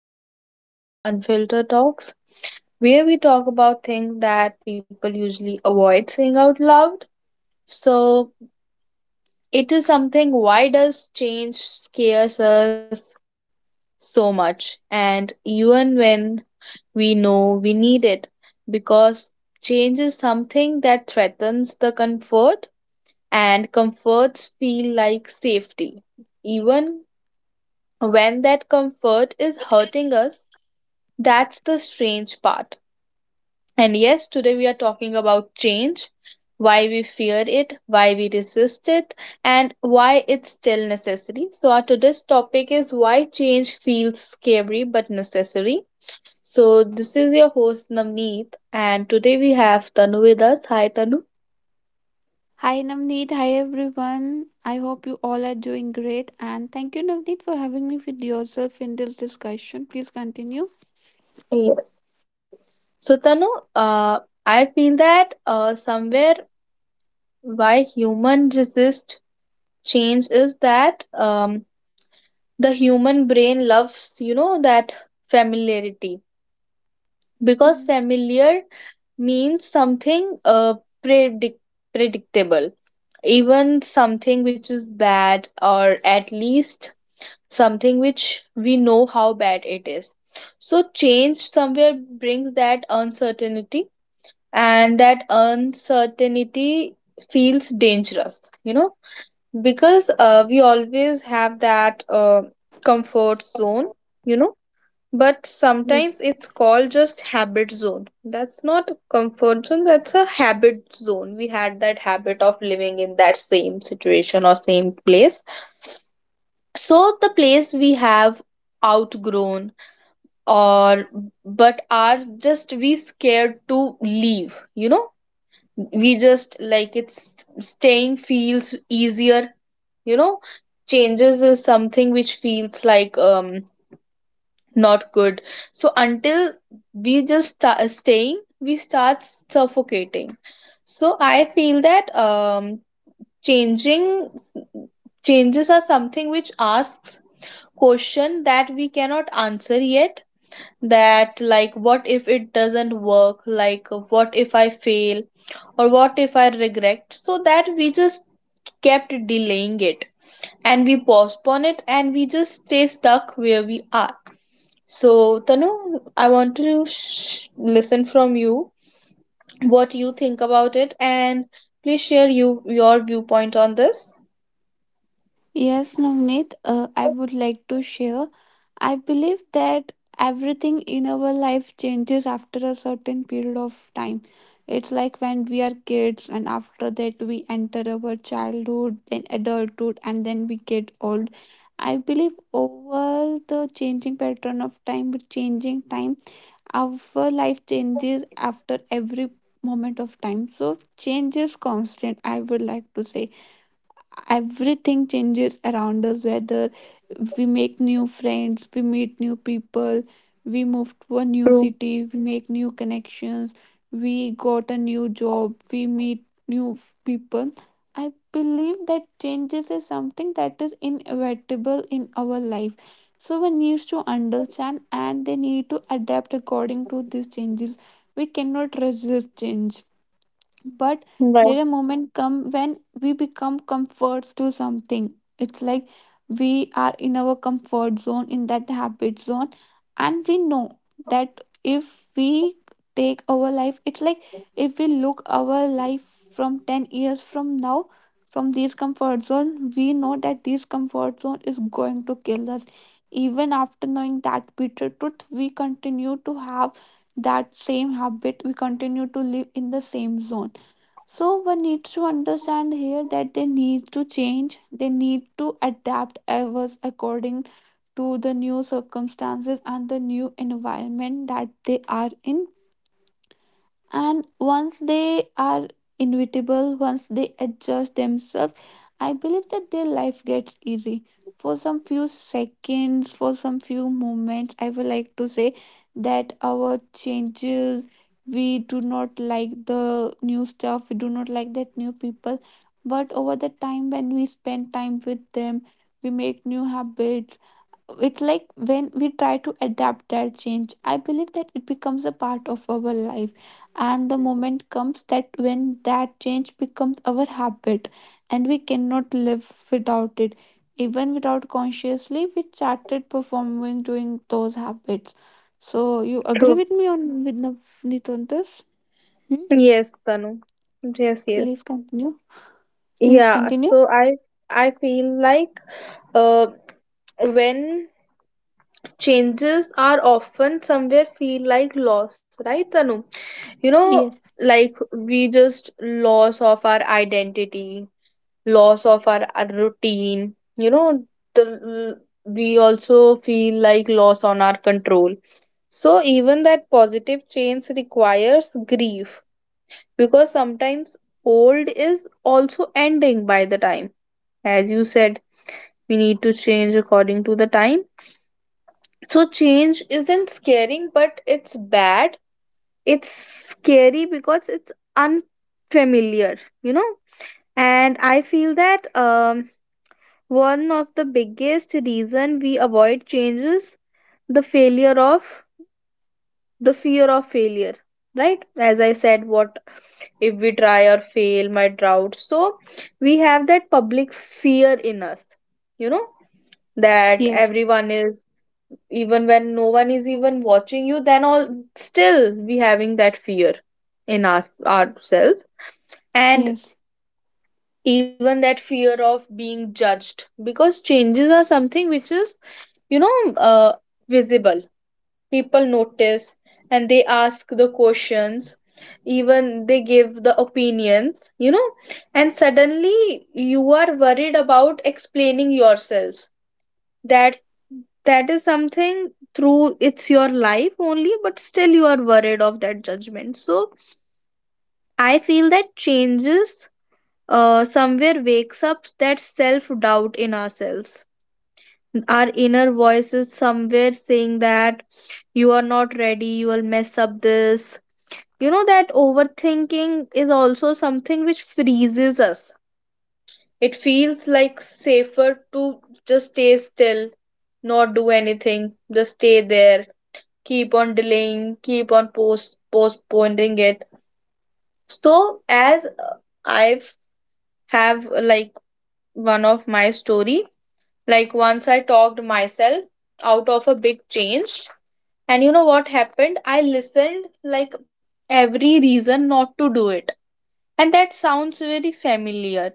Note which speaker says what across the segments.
Speaker 1: another episode of Unfiltered Talks, where we talk about things that people usually avoid saying out loud. So, it is something why does change scares us so much? And even when we know we need it, because change is something that threatens the comfort, and comforts feel like safety even when that comfort is hurting us. That's the strange part. And yes, today we are talking about change, why we fear it, why we resist it, and why it's still necessary. So, our today's topic is why change feels scary but necessary. So, this is your host Navneet, and today we have Tanu with us. Hi, Tanu.
Speaker 2: Hi Navneet, hi everyone. I hope you all are doing great and thank you Navneet for having me with yourself in this discussion. Please continue.
Speaker 1: Yes. So, Tanu, uh, I feel that somewhere why human resist change is that the human brain loves that familiarity because
Speaker 2: Hmm.
Speaker 1: familiar means something predict- predictable, even something which is bad, or at least something which we know how bad it is. So change somewhere brings that uncertainty, and that uncertainty feels dangerous, because we always have that comfort zone, you know, but
Speaker 2: Yes.
Speaker 1: sometimes it's called just habit zone. That's not a comfort zone, that's a habit zone. We had that habit of living in that same situation or same place. So the place we have outgrown, or but are just we scared to leave, you know? We just like it's staying feels easier, you know? Changes is something which feels like not good, so until we just staying we start suffocating. So I feel that changing changes are something which asks question that we cannot answer yet, that like what if it doesn't work, like what if I fail or what if I regret, so that we just kept delaying it and we postpone it and we just stay stuck where we are. So, Tanu, I want to listen from you what you think about it, and please share your viewpoint on this.
Speaker 2: Yes, Navneet, I would like to share. I believe that everything in our life changes after a certain period of time. It's like when we are kids, and after that, we enter our childhood, then adulthood, and then we get old. I believe over the changing pattern of time, with changing time, our life changes after every moment of time. So, change is constant, I would like to say everything changes around us, whether we make new friends, we meet new people, we move to a new
Speaker 1: True.
Speaker 2: city, we make new connections, we got a new job, we meet new people. I believe that changes is something that is inevitable in our life, so one needs to understand and they need to adapt according to these changes. We cannot resist change, but there are
Speaker 1: Right.
Speaker 2: moments come when we become comforts to something. It's like we are in our comfort zone, in that habit zone, and we know that if we take our life, it's like if we look our life from 10 years from now, from this comfort zone, we know that this comfort zone is going to kill us. Even after knowing that bitter truth, we continue to have that same habit, we continue to live in the same zone. So one needs to understand here that they need to change, they need to adapt ever according to the new circumstances and the new environment that they are in. And once they are inevitable, once they adjust themselves, I believe that their life gets easy. For some few seconds, for some few moments, I would like to say that our changes, we do not like the new stuff, we do not like that new people, but over the time when we spend time with them, we make new habits. It's like when we try to adapt that change, I believe that it becomes a part of our life. And the moment comes that when that change becomes our habit, and we cannot live without it, even without consciously we started performing doing those habits. So you agree
Speaker 1: True.
Speaker 2: with me on with Navneet on this? Hmm?
Speaker 1: Yes, Tanu. Yes, yes.
Speaker 2: Please continue. Please
Speaker 1: Yeah,
Speaker 2: continue.
Speaker 1: so I feel like uh when changes are often somewhere feel like loss, right, Tanu? You know,
Speaker 2: Yes.
Speaker 1: like we just loss of our identity, loss of our routine, you know. The, we also feel like loss on our control. So even that positive change requires grief, because sometimes old is also ending by the time, as you said, we need to change according to the time. So change isn't scaring but it's bad, it's scary because it's unfamiliar, you know. And I feel that one of the biggest reason we avoid change is the failure of the fear of failure, right? As I said, what if we try or fail my doubt. So we have that public fear in us, you know, that
Speaker 2: Yes.
Speaker 1: everyone is, even when no one is even watching you then all, still we having that fear in us ourselves. And
Speaker 2: Yes.
Speaker 1: even that fear of being judged, because changes are something which is, you know uh, visible. People notice and they ask the questions, even they give the opinions, you know. And suddenly you are worried about explaining yourselves, that that is something through it's your life only, but still you are worried of that judgment. So I feel that changes, somewhere wakes up that self doubt in ourselves. Our inner voice is somewhere saying that you are not ready, you will mess up this. You know, that overthinking is also something which freezes us. It feels like safer to just stay still, not do anything, just stay there, keep on delaying, keep on postponing it. So, as I've have like one of my story. Like once I talked myself out of a big change. And you know what happened? I listened like every reason not to do it. And that sounds very familiar.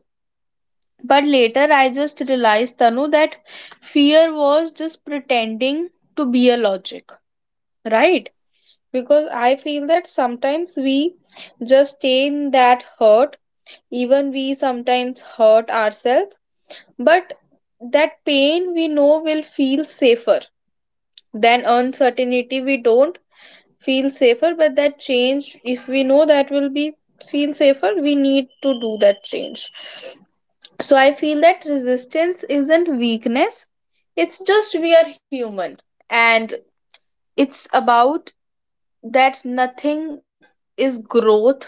Speaker 1: But later I just realized, Tanu, that fear was just pretending to be a logic, right? Because I feel that sometimes we just stay in that hurt, even we sometimes hurt ourselves, but that pain we know will feel safer than uncertainty we don't feel safer, but that change if we know that will be feel safer, we need to do that change. So I feel that resistance isn't weakness, it's just we are human. And it's about that nothing is growth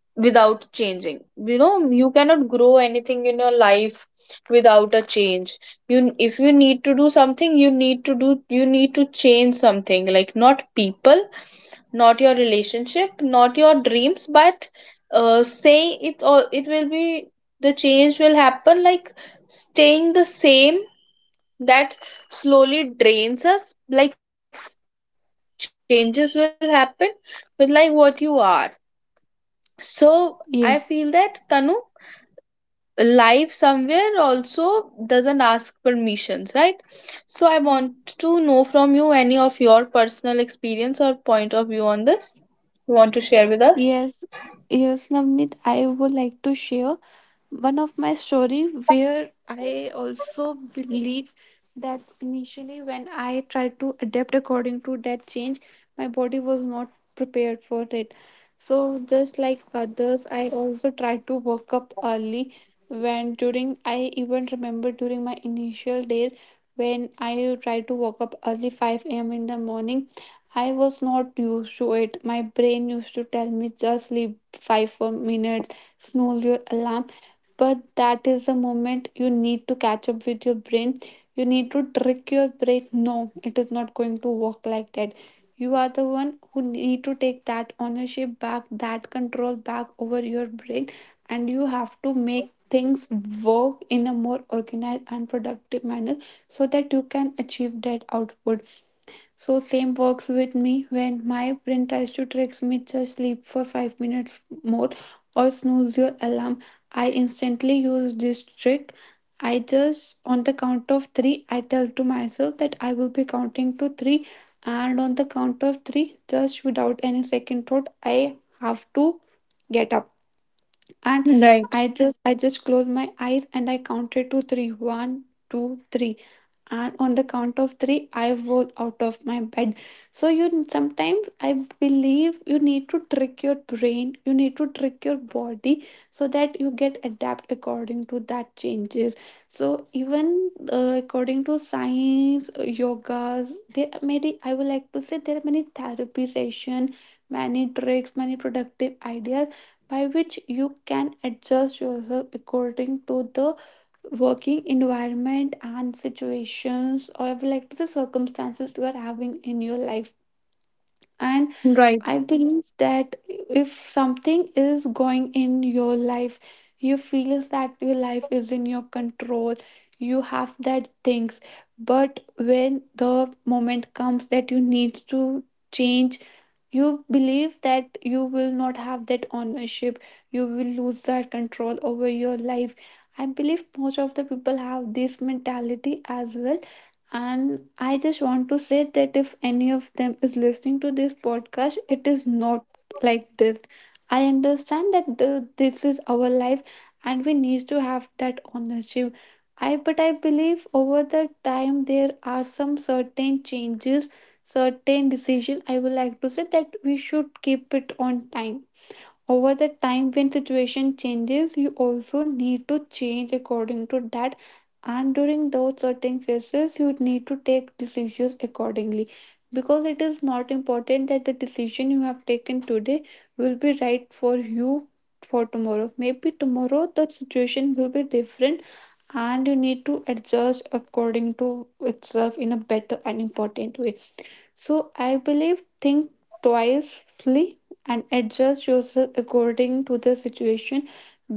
Speaker 1: without changing, you know. You cannot grow anything in your life without a change. You, if you need to do something you need to do, you need to change something, like not people, not your relationship, not your dreams, but saying it or it will be, the change will happen, like staying the same, that slowly drains us. Like changes will happen with like what you are. So I
Speaker 2: Yes.
Speaker 1: feel that, Tanu, life somewhere also doesn't ask permissions, right? So I want to know from you, any of your personal experience or point of view on this you want to share with
Speaker 2: Yes,
Speaker 1: us.
Speaker 2: yes, Navneet, I would like to share one of my story where I also believe that initially when I tried to adapt according to that change, my body was not prepared for it. So just like others, I also tried to wake up early. When, during, I even remember during my initial days, when I tried to wake up early 5 a.m. in the morning, I was not used to it. My brain used to tell me, just sleep 5 more minutes, snooze your alarm. But that is the moment you need to catch up with your brain, you need to trick your brain. No, it is not going to work like that. You are the one who need to take that ownership back, that control back over your brain, and you have to make things work in a more organized and productive manner, so that you can achieve that output. So same works with me when my brain tries to trick me, just sleep for 5 minutes more or snooze your alarm. I instantly use this trick. I just, on the count of 3, I tell to myself that I will be counting to 3, and on the count of 3, just without any second thought, I have to get up. And I just I
Speaker 1: Right.
Speaker 2: just close my eyes and I counted to 3. One, 2, three, and on the count of three I was out of my bed. So you, sometimes I believe you need to trick your brain, you need to trick your body, so that you get adapt according to that changes. So even according to science, yogas, there are many, I would like to say, there are many therapy session, many tricks, many productive ideas by which you can adjust yourself according to the working environment and situations, or like to the circumstances you are having in your life. And I believe
Speaker 1: Right.
Speaker 2: that if something is going in your life, you feel that your life is in your control, you have that things. But when the moment comes that you need to change, you believe that you will not have that ownership, you will lose that control over your life. I believe most of the people have this mentality as well. And I just want to say that if any of them is listening to this podcast, it is not like this. I understand that this is our life, and we need to have that ownership. I, but I believe over the time there are some certain changes, certain decision, I would like to say, that we should keep it on time. Over the time when situation changes, you also need to change according to that. And during those certain phases, you need to take decisions accordingly, because it is not important that the decision you have taken today will be right for you for tomorrow. Maybe tomorrow the situation will be different, and you need to adjust according to itself in a better and important way. So I believe, think twice,ly and adjust yourself according to the situation,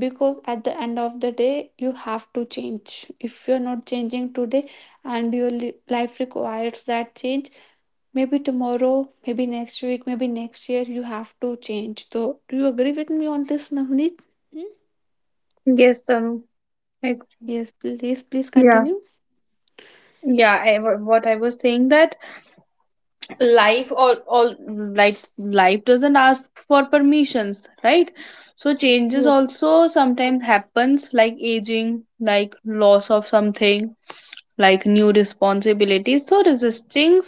Speaker 2: because at the end of the day you have to change. If you're not changing today and your life requires that change, maybe tomorrow, maybe next week, maybe next year you have to change. So do you agree with me on this, Navneet? Hmm?
Speaker 1: Yes, Tanu. I,
Speaker 2: Yes, please
Speaker 1: yeah.
Speaker 2: continue.
Speaker 1: Yeah, I, what I was saying that life all life doesn't ask for permissions, right? So changes
Speaker 2: Yes.
Speaker 1: also sometimes happens, like aging, like loss of something, like new responsibilities. So resisting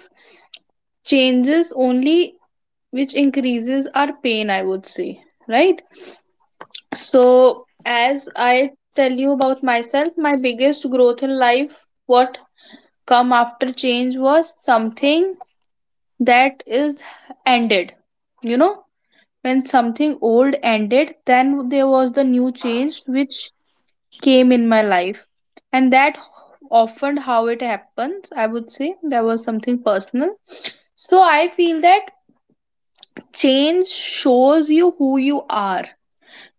Speaker 1: changes only which increases our pain, I would say, right? So as I tell you about myself, my biggest growth in life, what come after change, was something that is ended, you know. When something old ended, then there was the new change which came in my life. And that, often how it happens, I would say there was something personal. So I feel that change shows you who you are,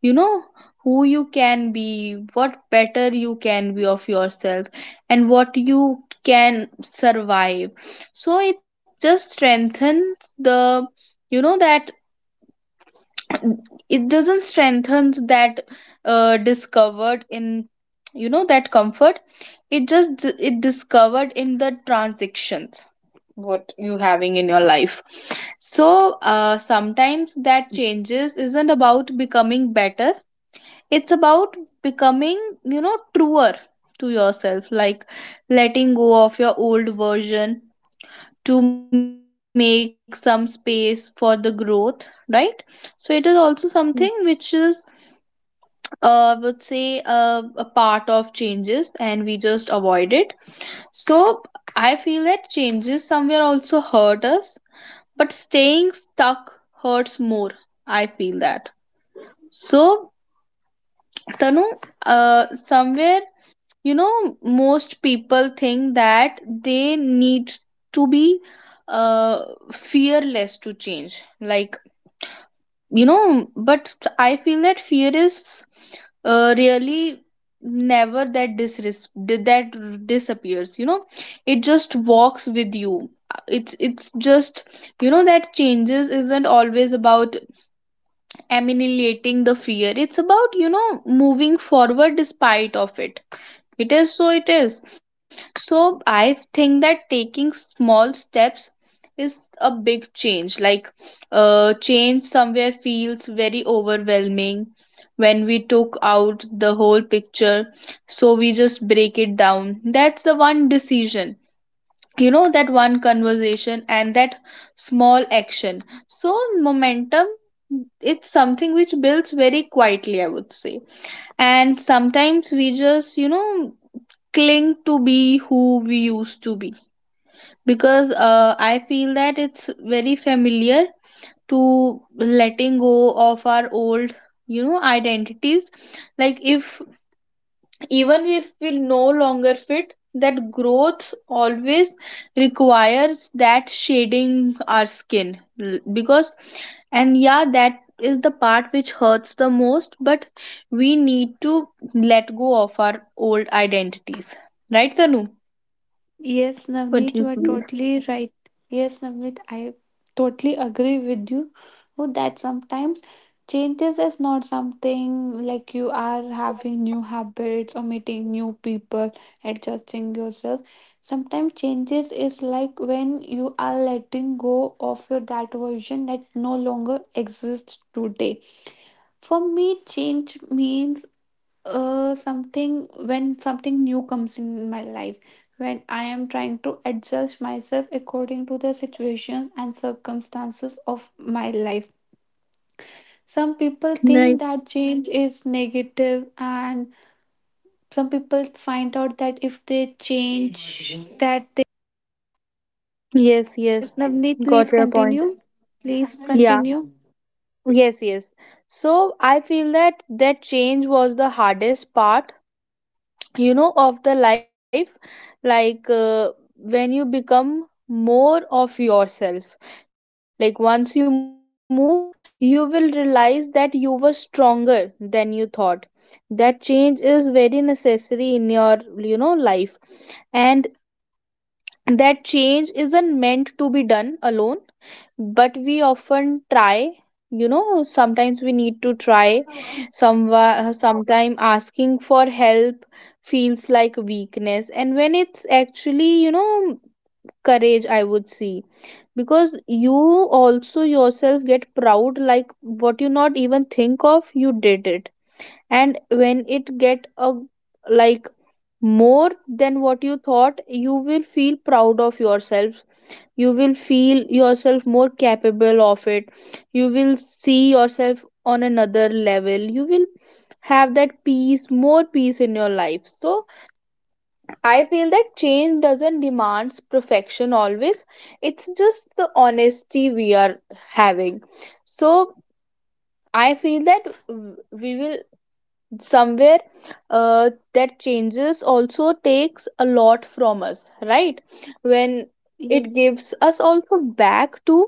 Speaker 1: you know, who you can be, what better you can be of yourself, and what you can survive. So it just strengthens the, you know, that it doesn't strengthens that, discovered in, you know, that comfort. It just, it discovered in the transactions what you having in your life. So sometimes that changes isn't about becoming better, it's about becoming, you know, truer to yourself, like letting go of your old version to make some space for the growth, right? So it is also something which is, uh I would say a part of changes and we just avoid it. So I feel that changes somewhere also hurt us, but staying stuck hurts more, I feel that. So Tanu, somewhere, you know, most people think that they need to be, uh, fearless to change, like, you know, but I feel that fear is, really never that that disappears, you know. It just walks with you. It's just, you know, that changes isn't always about emanating the fear, it's about, you know, moving forward despite of it. It is, so, it is. So, I think that taking small steps is a big change. Like, change somewhere feels very overwhelming when we took out the whole picture. So, we just break it down. That's the one decision, you know, that one conversation and that small action. So, momentum, it's something which builds very quietly, I would say. And sometimes we just, you know, cling to be who we used to be, because I feel that it's very familiar to letting go of our old, you know, identities. Like if, even if we no longer fit, that growth always requires that shading our skin. Because, and yeah, that is the part which hurts the most, but we need to let go of our old identities, right, Tanu?
Speaker 2: Yes,
Speaker 1: What do
Speaker 2: Navneet,
Speaker 1: you
Speaker 2: you are
Speaker 1: feel?
Speaker 2: totally right. Yes, Navneet, I totally agree with you. Oh, that sometimes changes is not something like you are having new habits or meeting new people, adjusting yourself. Sometimes changes is like when you are letting go of your that version that no longer exists today. For me, change means something, when something new comes in my life, when I am trying to adjust myself according to the situations and circumstances of my life. Some people
Speaker 1: Right.
Speaker 2: think that change is negative, and some people find out that if they change, that they...
Speaker 1: Yes,
Speaker 2: Yes,
Speaker 1: yes.
Speaker 2: Navneet, please
Speaker 1: Got your point.
Speaker 2: continue. Please
Speaker 1: Yeah.
Speaker 2: continue.
Speaker 1: Yes, yes. So I feel that that change was the hardest part of the life like when you become more of yourself, like once you move you will realize that you were stronger than you thought, that change is very necessary in your life, and that change isn't meant to be done alone, but we often try. You know, sometimes we need to try some sometime asking for help feels like weakness, and when it's actually, you know, courage, I would see. Because you also yourself get proud, like what you not even think of, you did it. And when it get a, like, more than what you thought, you will feel proud of yourself, you will feel yourself more capable of it, you will see yourself on another level, you will have that peace, more peace in your life. So I feel that change doesn't demands perfection always, it's just the honesty we are having. So I feel that we will somewhere, that changes also takes a lot from us, right? When it
Speaker 2: Yes.
Speaker 1: gives us also back to,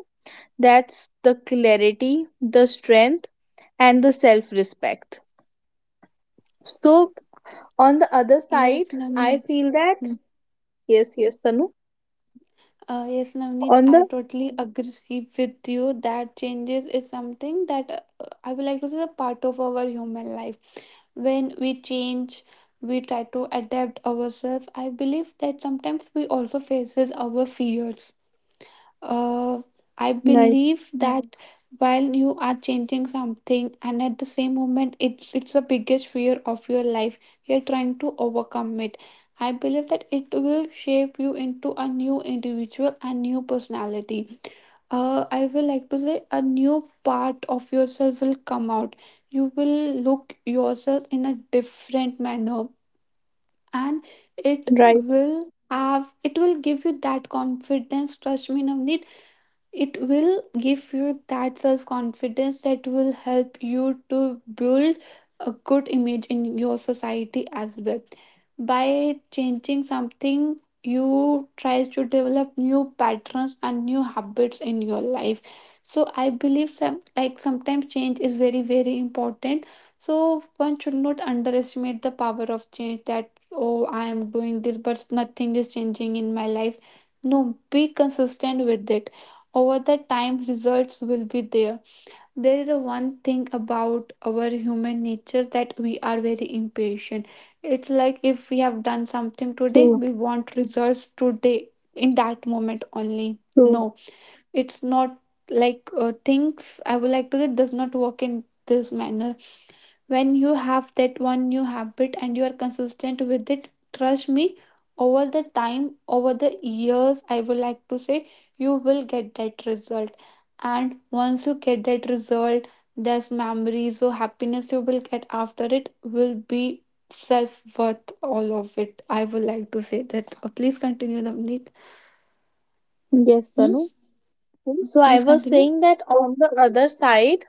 Speaker 1: that's the clarity, the strength, and the self respect. So on the other
Speaker 2: Yes,
Speaker 1: side I
Speaker 2: Navneet.
Speaker 1: feel that, yes, yes, Tanu,
Speaker 2: Yes, Navneet,
Speaker 1: on
Speaker 2: I
Speaker 1: the
Speaker 2: totally agree with you that changes is something that, I would like to say, a part of our human life. When we change, we try to adapt ourselves. I believe that sometimes we also faces our fears. uh, I
Speaker 1: right,
Speaker 2: believe that while you are changing something, and at the same moment it's the biggest fear of your life, you're trying to overcome it. I believe that it will shape you into a new individual and new personality. I will like to say a new part of yourself will come out. You will look yourself in a different manner, and it
Speaker 1: right,
Speaker 2: will have, it will give you that confidence. Trust me, Navneet, it will give you that self confidence that will help you to build a good image in your society as well. By changing something, you tries to develop new patterns and new habits in your life. So I believe, some, like sometimes change is very very important. So one should not underestimate the power of change, that oh, I am doing this but nothing is changing in my life. No, be consistent with it. Over the time, results will be there. There is a one thing about our human nature, that we are very impatient. It's like if we have done something
Speaker 1: true,
Speaker 2: today, we want results today in that moment only.
Speaker 1: true,
Speaker 2: No, it's not like things, I would like to say, does not work in this manner. When you have that one new habit and you are consistent with it, trust me, over the time, over the years, I would like to say, you will get that result. And once you get that result, there's memories or happiness you will get after, it will be self worth, all of it, I would like to say that. Please continue, Navneet.
Speaker 1: yes,
Speaker 2: Hmm?
Speaker 1: Tanu. So I
Speaker 2: Please
Speaker 1: was
Speaker 2: continue.
Speaker 1: saying that on the other side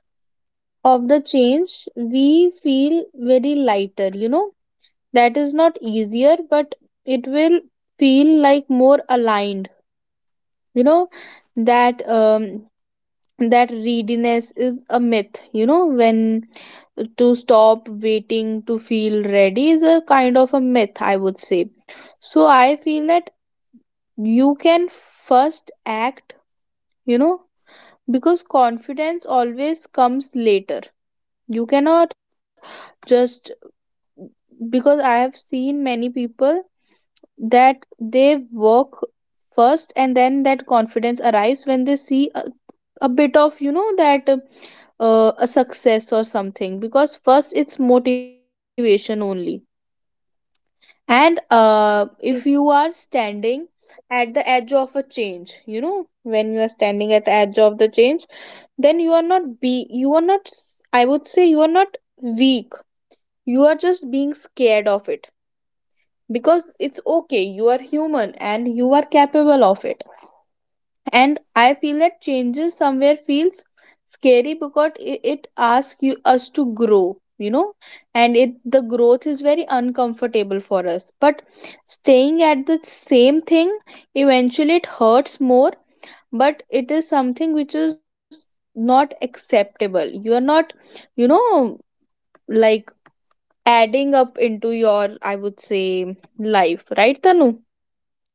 Speaker 1: of the change we feel very lighter, you know, that is not easier, but it will feel like more aligned, you know. That um, that readiness is a myth, you know, when to stop waiting to feel ready is a kind of a myth, I would say. So I feel that you can first act, you know, because confidence always comes later. You cannot just, because I have seen many people that they work first and then that confidence arrives when they see a bit of, you know, that a success or something, because first it's motivation only. And if
Speaker 2: Yes.
Speaker 1: you are standing at the edge of a change, you know, when you are standing at the edge of the change, then you are not s- I would say you are not weak, you are just being scared of it, because it's okay, you are human and you are capable of it. And I feel that changes somewhere feels scary because it asks you us to grow, you know, and it the growth is very uncomfortable for us, but staying at the same thing eventually it hurts more. But it is something which is not acceptable, you are not, you know, like, adding up into your, I would say, life, right Tanu?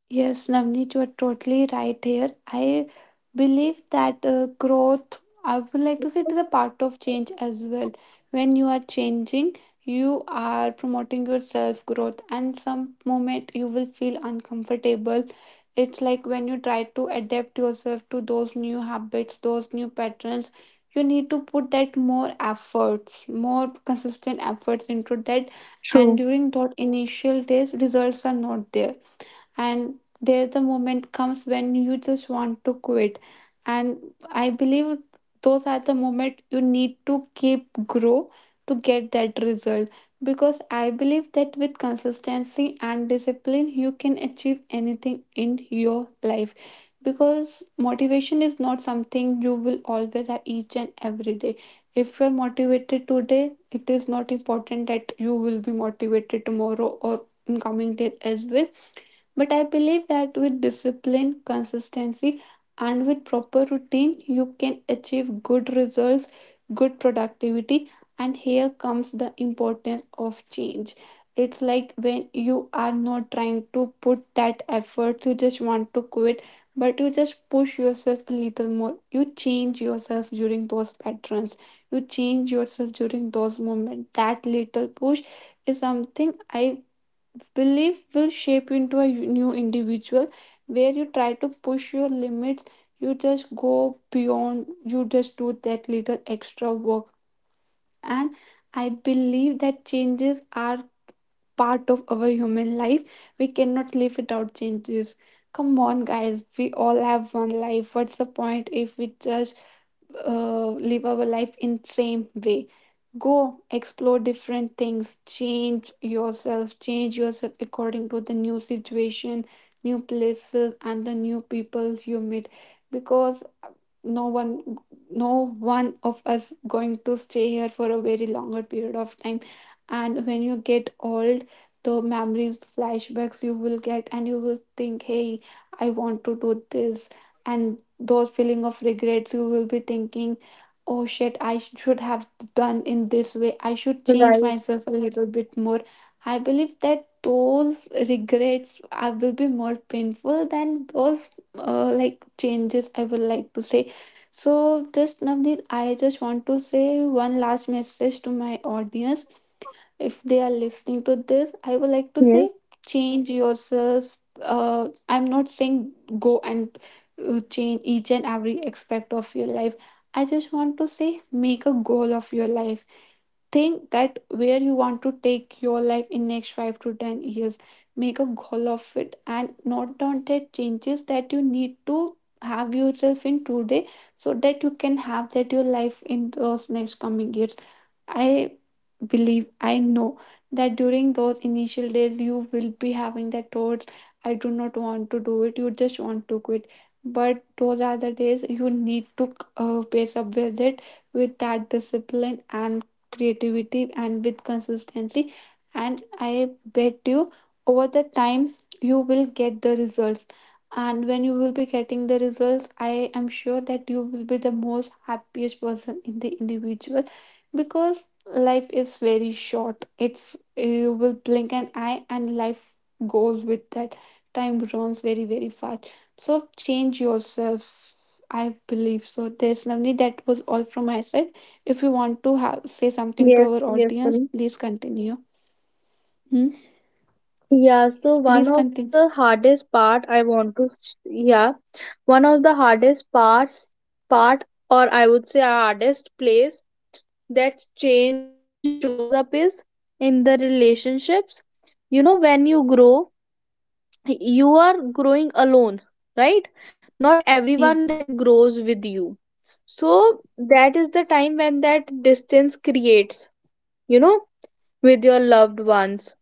Speaker 2: Yes, Navneet, you are totally right here. I believe that growth, I would like to say, it is a part of change as well. When you are changing, you are promoting your self growth, and some moment you will feel uncomfortable. It's like when you try to adapt yourself to those new habits, those new patterns, you need to put that more efforts, more consistent efforts into that.
Speaker 1: True.
Speaker 2: And during those initial days, results are not there and the moment comes when you just want to quit. And I believe those are the moment you need to keep grow to get that result, because I believe that with consistency and discipline you can achieve anything in your life, because motivation is not something you will always have each and every day. If you're motivated today, it is not important that you will be motivated tomorrow or in coming days as well. But I believe that with discipline, consistency, and with proper routine, you can achieve good results, good productivity. And here comes the importance of change. It's like when you are not trying to put that effort, you just want to quit, but you just push yourself a little more. You change yourself during those patterns, you change yourself during those moments. That little push is something I belief will shape you into a new individual, where you try to push your limits, you just go beyond, you just do that little extra work. And I believe that changes are part of our human life. We cannot live without changes. Come on, guys, we all have one life. What's the point if we just live our life in same way? Go explore different things, change yourself, change yourself according to the new situation, new places, and the new people you meet. Because no one no one of us going to stay here for a very longer period of time. And when you get old, the memories flashbacks you will get, and you will think, hey, I want to do this. And those feeling of regret you will be thinking, oh shit, I should have done in this way, I should change myself a little
Speaker 1: Right.
Speaker 2: bit more. I believe that those regrets I will be more painful than those like changes, I would like to say. So just Navneet, I just want to say one last message to my audience. If they are listening to this, I would
Speaker 1: Yes.
Speaker 2: like to say, change yourself. I'm not saying go and change each and every aspect of your life. I just want to say, make a goal of your life. Think that where you want to take your life in next 5 to 10 years. Make a goal of it and note down the changes that you need to have yourself in today, so that you can have that your life in those next coming years. i believe I know that during those initial days you will be having that thoughts, I do not want to do it, you just want to quit. But those are the days you need to pace up with it, with that discipline and creativity and with consistency. And I bet you, over the time, you will get the results. And when you will be getting the results, I am sure that you will be the most happiest person in the individual. Because life is very short, it's, you will blink an eye and life goes with that. Time runs very very fast. So change yourself. I believe so there's Navni, that was all from my side. If you want to have say something to
Speaker 1: Yes.
Speaker 2: our
Speaker 1: Yes.
Speaker 2: audience,
Speaker 1: Tanu.
Speaker 2: please continue. Hmm?
Speaker 1: Yeah. So
Speaker 2: Yes,
Speaker 1: one
Speaker 2: please
Speaker 1: of the
Speaker 2: continue.
Speaker 1: hardest part I want to yeah, one of the hardest parts part or I would say hardest place that change shows up is in the relationships. You know when you grow, you are growing alone, right? Not everyone
Speaker 2: Yes.
Speaker 1: that grows with you. So that is the time when that distance creates. You know, with your loved ones,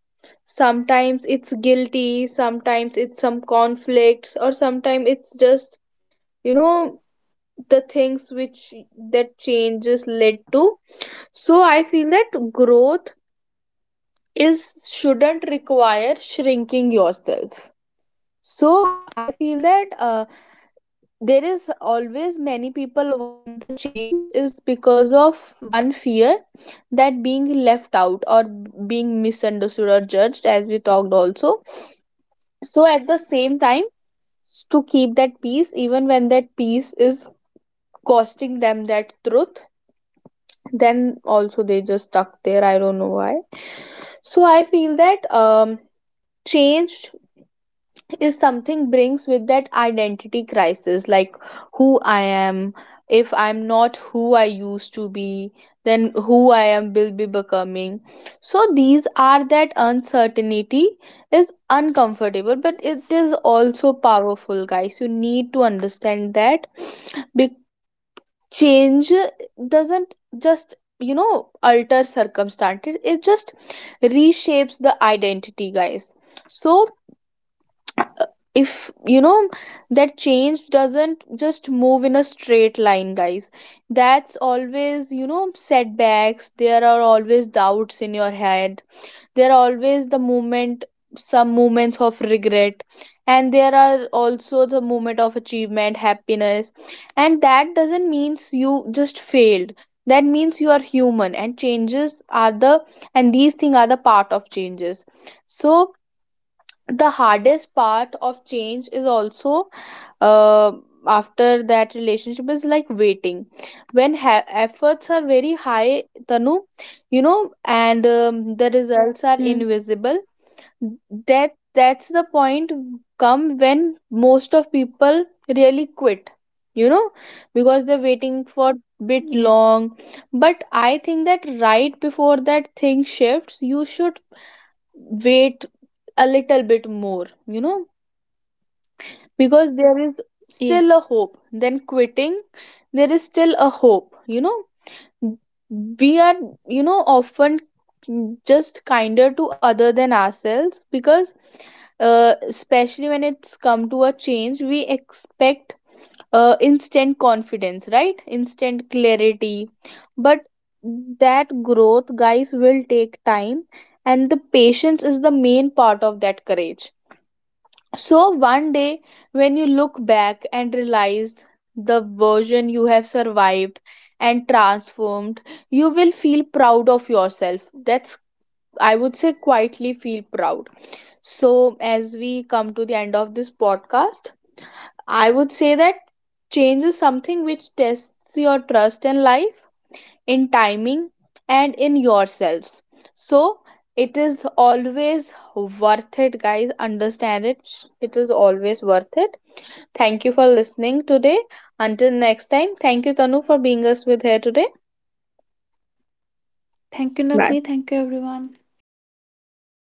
Speaker 1: sometimes it's guilty, sometimes it's some conflicts, or sometimes it's just, you know, the things which that changes led to. So I feel that growth is, shouldn't require shrinking yourself. So I feel that there is always many people avoid the change is because of one fear, that being left out or being misunderstood or judged, as we talked also. So at the same time, to keep that peace even when that peace is costing them that truth, then also they just stuck there, I don't know why. So I feel that um, change is something brings with that identity crisis, like who I am, if I'm not who I used to be, then who I am will be becoming. So these are that uncertainty is uncomfortable, but it is also powerful, guys, you need to understand that. Be- Change doesn't just, you know, alter circumstances, it just reshapes the identity, guys. So if you know that change doesn't just move in a straight line, guys, that's always, you know, setbacks, there are always doubts in your head, there are always the moment, some moments of regret, and there are also the moment of achievement, happiness. And that doesn't means you just failed, that means you are human and changes are the, and these things are the part of changes. So the hardest part of change is also, uh, after that relationship, is like waiting, when efforts are very high, Tanu, you know, and the results
Speaker 2: Hmm.
Speaker 1: are invisible. That, that's the point come when most of people really quit, you know, because they're waiting for bit
Speaker 2: Yes.
Speaker 1: long. But I think that right before that thing shifts, you should wait a little bit more, you know, because there is
Speaker 2: Yes.
Speaker 1: still a hope then quitting, there is still a hope, you know. We are, you know, often just kinder to other than ourselves, because especially when it's come to a change, we expect instant confidence, right, instant clarity. But that growth, guys, will take time, and the patience is the main part of that courage. So, one day when you look back and realize the version you have survived and transformed, you will feel proud of yourself. That's, I would say, quietly feel proud. So, as we come to the end of this podcast, I would say that change is something which tests your trust in life, in timing, and in yourselves. So it is always worth it, guys, understand it, it is always worth it. Thank you for listening today. Until next time, thank you Tanu for being us with here today.
Speaker 2: Thank you,
Speaker 1: Bye.
Speaker 2: Navni. Thank you, everyone.